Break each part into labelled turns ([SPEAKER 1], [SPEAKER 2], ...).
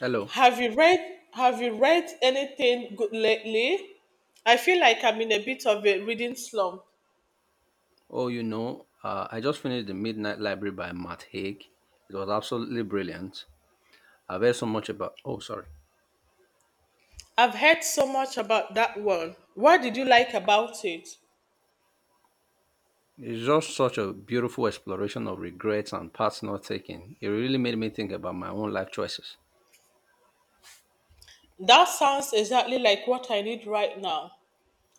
[SPEAKER 1] Hello.
[SPEAKER 2] Have you read anything good lately? I feel like I'm in a bit of a reading slump.
[SPEAKER 1] Oh, you know, I just finished The Midnight Library by Matt Haig. It was absolutely brilliant. I've heard so much about. Oh, sorry.
[SPEAKER 2] I've heard so much about that one. What did you like about it?
[SPEAKER 1] It's just such a beautiful exploration of regrets and paths not taken. It really made me think about my own life choices.
[SPEAKER 2] That sounds exactly like what I need right now.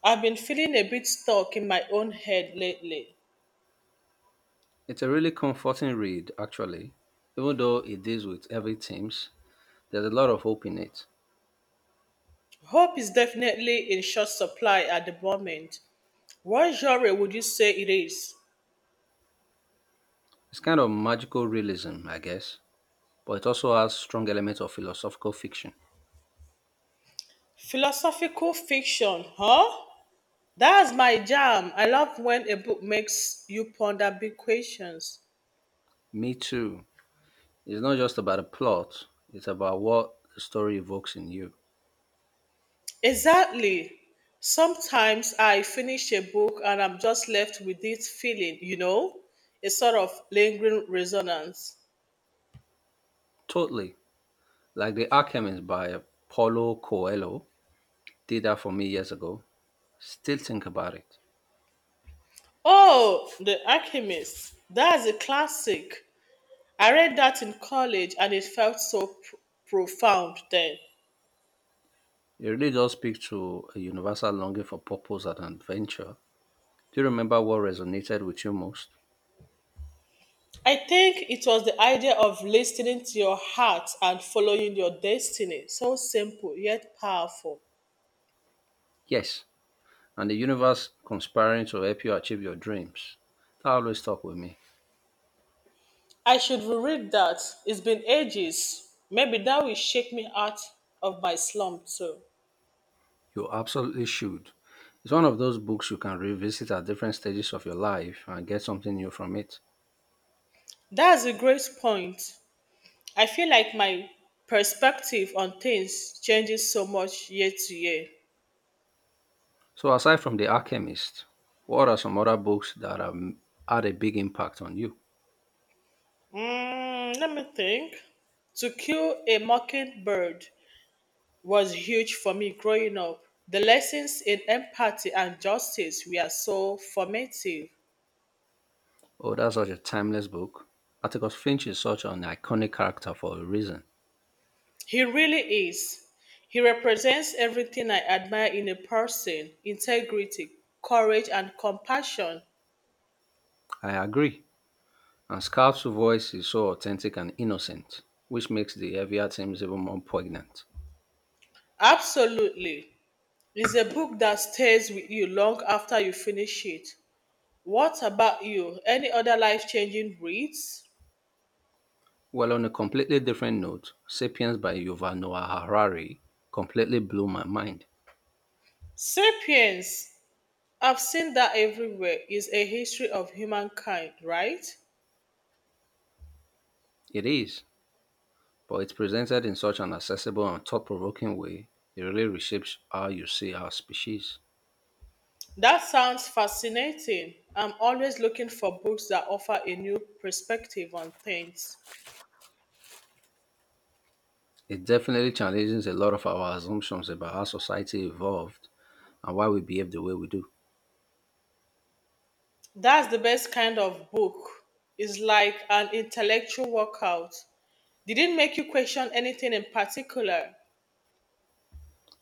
[SPEAKER 2] I've been feeling a bit stuck in my own head lately.
[SPEAKER 1] It's a really comforting read, actually. Even though it deals with heavy themes, there's a lot of hope in it.
[SPEAKER 2] Hope is definitely in short supply at the moment. What genre would you say it is?
[SPEAKER 1] It's kind of magical realism, I guess, but it also has strong elements of philosophical fiction.
[SPEAKER 2] Philosophical fiction, huh? That's my jam. I love when a book makes you ponder big questions.
[SPEAKER 1] Me too. It's not just about a plot, it's about what the story evokes in you.
[SPEAKER 2] Exactly. Sometimes I finish a book and I'm just left with this feeling, a sort of lingering resonance.
[SPEAKER 1] Totally. Like The Alchemist by Paulo Coelho did that for me years ago. Still think about it.
[SPEAKER 2] Oh, The Alchemist. That's a classic. I read that in college and it felt so profound then.
[SPEAKER 1] It really does speak to a universal longing for purpose and adventure. Do you remember what resonated with you most?
[SPEAKER 2] I think it was the idea of listening to your heart and following your destiny. So simple yet powerful.
[SPEAKER 1] Yes. And the universe conspiring to help you achieve your dreams. That always stuck with me.
[SPEAKER 2] I should reread that. It's been ages. Maybe that will shake me out of my slump too.
[SPEAKER 1] You absolutely should. It's one of those books you can revisit at different stages of your life and get something new from it.
[SPEAKER 2] That's a great point. I feel like my perspective on things changes so much year to year.
[SPEAKER 1] So, aside from The Alchemist, what are some other books that have had a big impact on you?
[SPEAKER 2] Let me think. To Kill a Mockingbird was huge for me growing up. The lessons in empathy and justice were so formative.
[SPEAKER 1] Oh, that's such a timeless book. Atticus Finch is such an iconic character for a reason.
[SPEAKER 2] He really is. He represents everything I admire in a person: integrity, courage, and compassion.
[SPEAKER 1] I agree. And Scout's voice is so authentic and innocent, which makes the heavier themes even more poignant.
[SPEAKER 2] Absolutely. It's a book that stays with you long after you finish it. What about you? Any other life changing reads?
[SPEAKER 1] Well, on a completely different note, Sapiens by Yuval Noah Harari completely blew my mind.
[SPEAKER 2] Sapiens. I've seen that everywhere. Is a history of humankind, right?
[SPEAKER 1] It is, but it's presented in such an accessible and thought provoking way, it really reshapes how you see our species.
[SPEAKER 2] That sounds fascinating. I'm always looking for books that offer a new perspective on things.
[SPEAKER 1] It definitely challenges a lot of our assumptions about how society evolved and why we behave the way we do.
[SPEAKER 2] That's the best kind of book. It's like an intellectual workout. Didn't make you question anything in particular.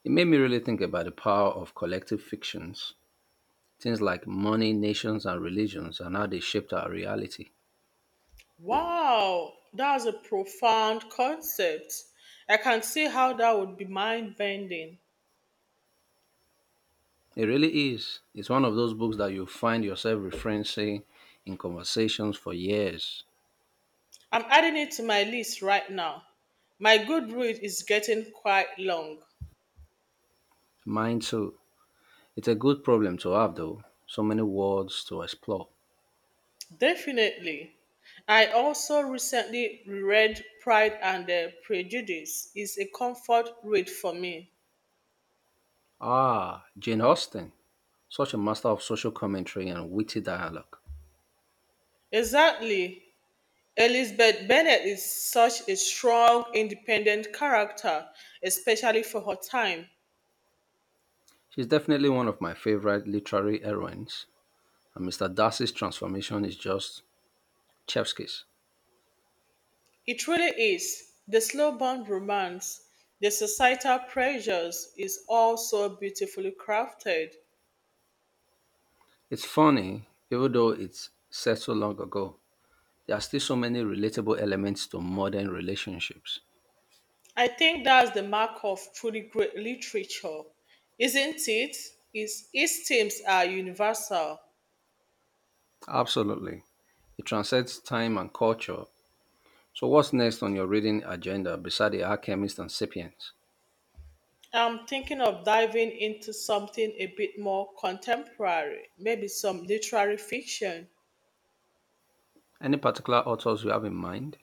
[SPEAKER 1] It made me really think about the power of collective fictions, things like money, nations, and religions, and how they shaped our reality.
[SPEAKER 2] Wow, that's a profound concept. I can see how that would be mind bending.
[SPEAKER 1] It really is. It's one of those books that you find yourself referencing in conversations for years.
[SPEAKER 2] I'm adding it to my list right now. My good read is getting quite long.
[SPEAKER 1] Mine too. It's a good problem to have, though. So many words to explore.
[SPEAKER 2] Definitely. I also recently reread Pride and Prejudice. It's a comfort read for me.
[SPEAKER 1] Ah, Jane Austen, such a master of social commentary and witty dialogue.
[SPEAKER 2] Exactly. Elizabeth Bennet is such a strong, independent character, especially for her time.
[SPEAKER 1] She's definitely one of my favorite literary heroines, and Mr. Darcy's transformation is just chef's kiss.
[SPEAKER 2] It really is. The slow burn romance, the societal pressures is also beautifully crafted.
[SPEAKER 1] It's funny, even though it's set so long ago, there are still so many relatable elements to modern relationships.
[SPEAKER 2] I think that's the mark of truly great literature, isn't it? Is its themes are universal.
[SPEAKER 1] Absolutely. It transcends time and culture. So, what's next on your reading agenda beside The Alchemist and Sapiens?
[SPEAKER 2] I'm thinking of diving into something a bit more contemporary, maybe some literary fiction.
[SPEAKER 1] Any particular authors you have in mind?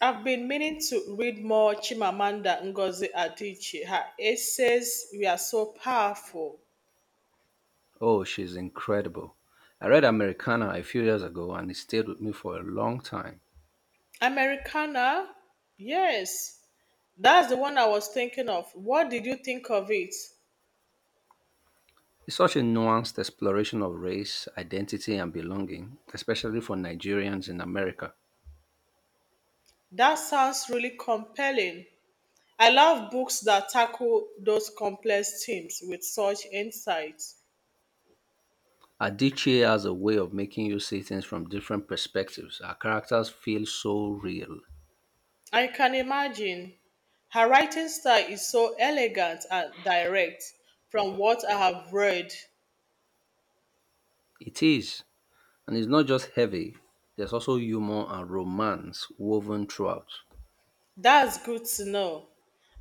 [SPEAKER 2] I've been meaning to read more Chimamanda Ngozi Adichie. Her essays were so powerful.
[SPEAKER 1] Oh, she's incredible. I read Americana a few years ago and it stayed with me for a long time.
[SPEAKER 2] Americana? Yes. That's the one I was thinking of. What did you think of it?
[SPEAKER 1] It's such a nuanced exploration of race, identity, and belonging, especially for Nigerians in America.
[SPEAKER 2] That sounds really compelling. I love books that tackle those complex themes with such insight.
[SPEAKER 1] Adichie has a way of making you see things from different perspectives. Our characters feel so real.
[SPEAKER 2] I can imagine. Her writing style is so elegant and direct from what I have read.
[SPEAKER 1] It is. And it's not just heavy, there's also humor and romance woven throughout.
[SPEAKER 2] That's good to know.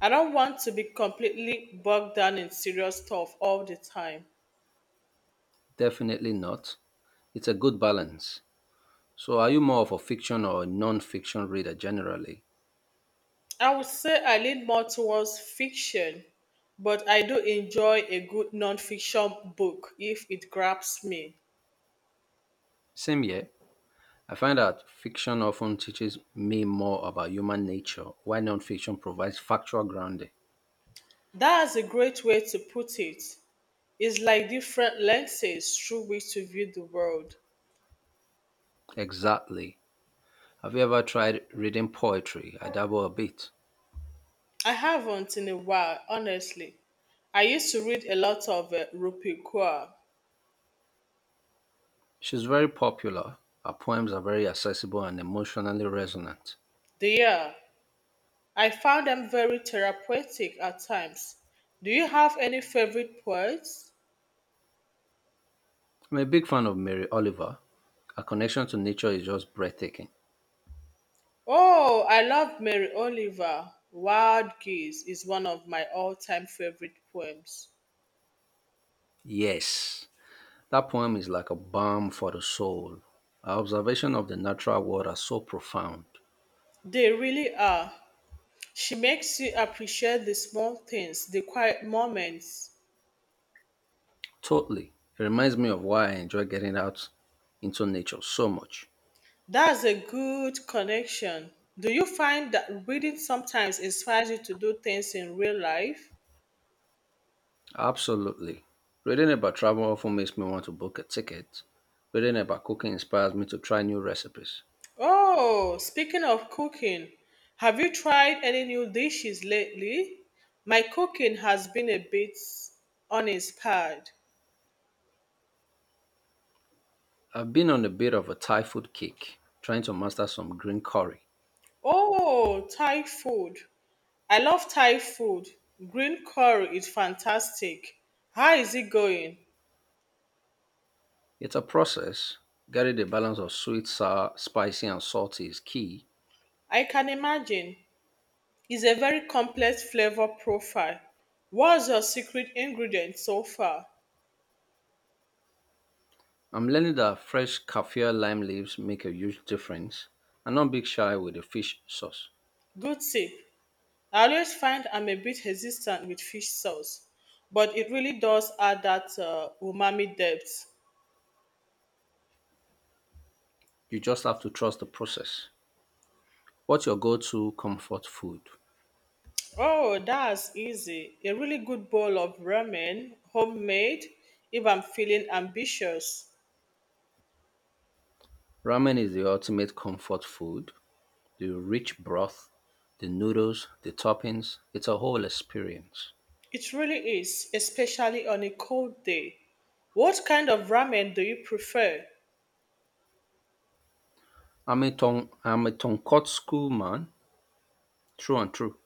[SPEAKER 2] I don't want to be completely bogged down in serious stuff all the time.
[SPEAKER 1] Definitely not. It's a good balance. So, are you more of a fiction or a non fiction reader generally?
[SPEAKER 2] I would say I lean more towards fiction, but I do enjoy a good non-fiction book if it grabs me.
[SPEAKER 1] Same here. I find that fiction often teaches me more about human nature, while nonfiction provides factual grounding.
[SPEAKER 2] That's a great way to put it. Is like different lenses through which to view the world.
[SPEAKER 1] Exactly. Have you ever tried reading poetry? I dabble a bit.
[SPEAKER 2] I haven't in a while, honestly. I used to read a lot of Rupi Kaur.
[SPEAKER 1] She's very popular. Her poems are very accessible and emotionally resonant.
[SPEAKER 2] There, I found them very therapeutic at times. Do you have any favorite poets?
[SPEAKER 1] I'm a big fan of Mary Oliver. Her connection to nature is just breathtaking.
[SPEAKER 2] Oh, I love Mary Oliver. Wild Geese is one of my all-time favorite poems.
[SPEAKER 1] Yes, that poem is like a balm for the soul. Her observation of the natural world are so profound.
[SPEAKER 2] They really are. She makes you appreciate the small things, the quiet moments.
[SPEAKER 1] Totally. It reminds me of why I enjoy getting out into nature so much.
[SPEAKER 2] That's a good connection. Do you find that reading sometimes inspires you to do things in real life?
[SPEAKER 1] Absolutely. Reading about travel often makes me want to book a ticket. Reading about cooking inspires me to try new recipes.
[SPEAKER 2] Oh, speaking of cooking, have you tried any new dishes lately? My cooking has been a bit uninspired.
[SPEAKER 1] I've been on a bit of a Thai food kick, trying to master some green curry.
[SPEAKER 2] Oh, Thai food. I love Thai food. Green curry is fantastic. How is it going?
[SPEAKER 1] It's a process. Getting the balance of sweet, sour, spicy, and salty is key.
[SPEAKER 2] I can imagine. Is a very complex flavor profile. What's your secret ingredient so far?
[SPEAKER 1] I'm learning that fresh kaffir lime leaves make a huge difference. And not big shy with the fish sauce.
[SPEAKER 2] Good tip. I always find I'm a bit hesitant with fish sauce, but it really does add that umami depth.
[SPEAKER 1] You just have to trust the process. What's your go-to comfort food?
[SPEAKER 2] Oh, that's easy. A really good bowl of ramen, homemade, if I'm feeling ambitious.
[SPEAKER 1] Ramen is the ultimate comfort food. The rich broth, the noodles, the toppings, it's a whole experience.
[SPEAKER 2] It really is, especially on a cold day. What kind of ramen do you prefer?
[SPEAKER 1] I'm a tonkotsu man, true and true.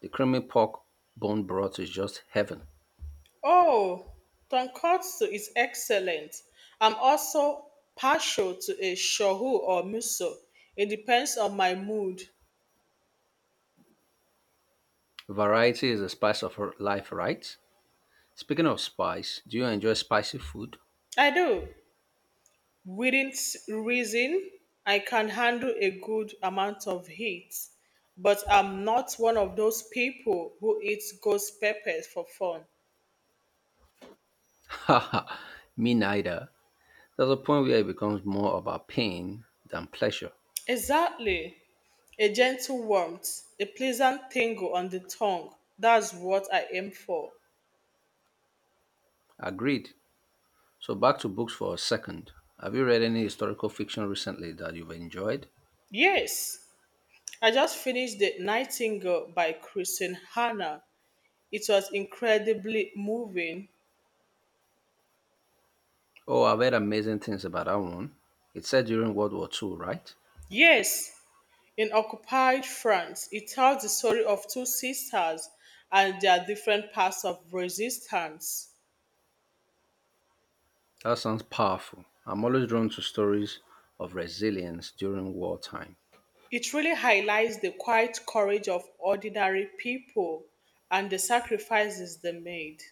[SPEAKER 1] The creamy pork bone broth is just heaven.
[SPEAKER 2] Oh, tonkotsu is excellent. I'm also partial to a shohu or muso. It depends on my mood.
[SPEAKER 1] Variety is the spice of life, right? Speaking of spice, do you enjoy spicy food?
[SPEAKER 2] I do. Reason, I can handle a good amount of heat, but I'm not one of those people who eats ghost peppers for fun.
[SPEAKER 1] Haha, me neither. There's a point where it becomes more about pain than pleasure.
[SPEAKER 2] Exactly. A gentle warmth, a pleasant tingle on the tongue. That's what I aim for.
[SPEAKER 1] Agreed. So back to books for a second. Have you read any historical fiction recently that you've enjoyed?
[SPEAKER 2] Yes. I just finished The Nightingale by Kristen Hanna. It was incredibly moving.
[SPEAKER 1] Oh, I've heard amazing things about that one. It's set during World War II, right?
[SPEAKER 2] Yes, in occupied France, it tells the story of two sisters and their different paths of resistance.
[SPEAKER 1] That sounds powerful. I'm always drawn to stories of resilience during wartime.
[SPEAKER 2] It really highlights the quiet courage of ordinary people and the sacrifices they made.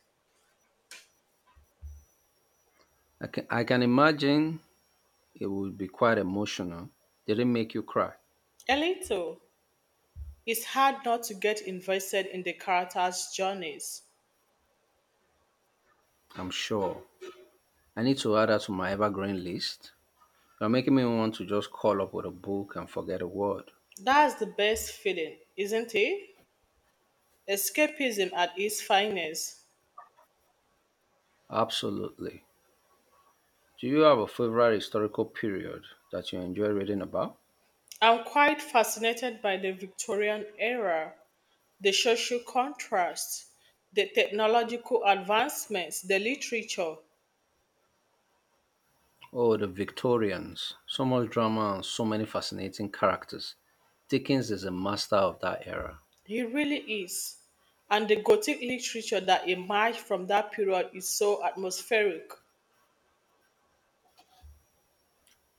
[SPEAKER 1] I can imagine it would be quite emotional. Did it make you cry?
[SPEAKER 2] A little. It's hard not to get invested in the characters' journeys.
[SPEAKER 1] I'm sure. I need to add that to my evergreen list. You're making me want to just call up with a book and forget a word.
[SPEAKER 2] That's the best feeling, isn't it? Escapism at its finest.
[SPEAKER 1] Absolutely. Do you have a favorite historical period that you enjoy reading about?
[SPEAKER 2] I'm quite fascinated by the Victorian era, the social contrasts, the technological advancements, the literature.
[SPEAKER 1] Oh, the Victorians. So much drama and so many fascinating characters. Dickens is a master of that era.
[SPEAKER 2] He really is. And the Gothic literature that emerged from that period is so atmospheric.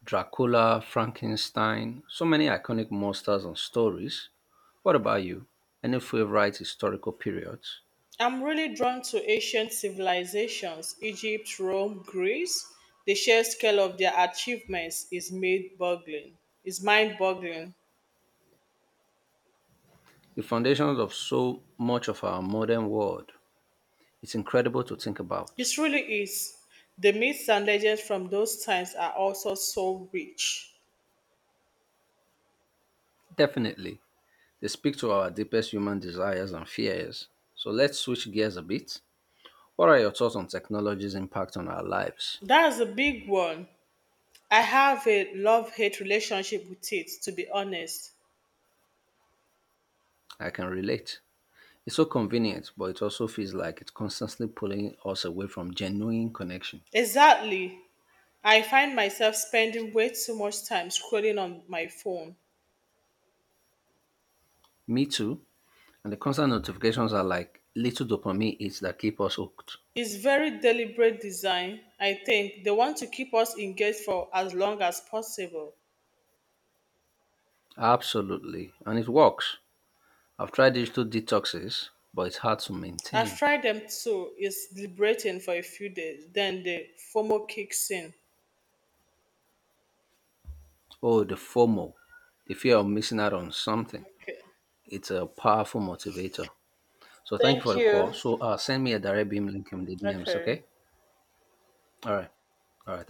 [SPEAKER 1] Dracula, Frankenstein, so many iconic monsters and stories. What about you? Any favorite historical periods?
[SPEAKER 2] I'm really drawn to ancient civilizations: Egypt, Rome, Greece. The sheer scale of their achievements is mind boggling.
[SPEAKER 1] The foundations of so much of our modern world. It's incredible to think about.
[SPEAKER 2] It really is. The myths and legends from those times are also so rich.
[SPEAKER 1] Definitely, they speak to our deepest human desires and fears. So let's switch gears a bit. What are your thoughts on technology's impact on our lives?
[SPEAKER 2] That's a big one. I have a love hate relationship with it, to be honest.
[SPEAKER 1] I can relate. It's so convenient, but it also feels like it's constantly pulling us away from genuine connection.
[SPEAKER 2] Exactly. I find myself spending way too much time scrolling on my phone.
[SPEAKER 1] Me too. And the constant notifications are like little dopamine hits that keep us hooked.
[SPEAKER 2] It's very deliberate design, I think. They want to keep us engaged for as long as possible.
[SPEAKER 1] Absolutely. And it works. I've tried digital detoxes, but it's hard to
[SPEAKER 2] I've
[SPEAKER 1] maintain.
[SPEAKER 2] tried them too. It's liberating for a few days, then the FOMO kicks in.
[SPEAKER 1] Oh, the FOMO, the fear of missing out on something.
[SPEAKER 2] Okay.
[SPEAKER 1] It's a powerful motivator. So thank you for
[SPEAKER 2] Thank
[SPEAKER 1] the call.
[SPEAKER 2] you.
[SPEAKER 1] So send me a direct beam link in the DMs,
[SPEAKER 2] Okay.
[SPEAKER 1] okay? All right. All right.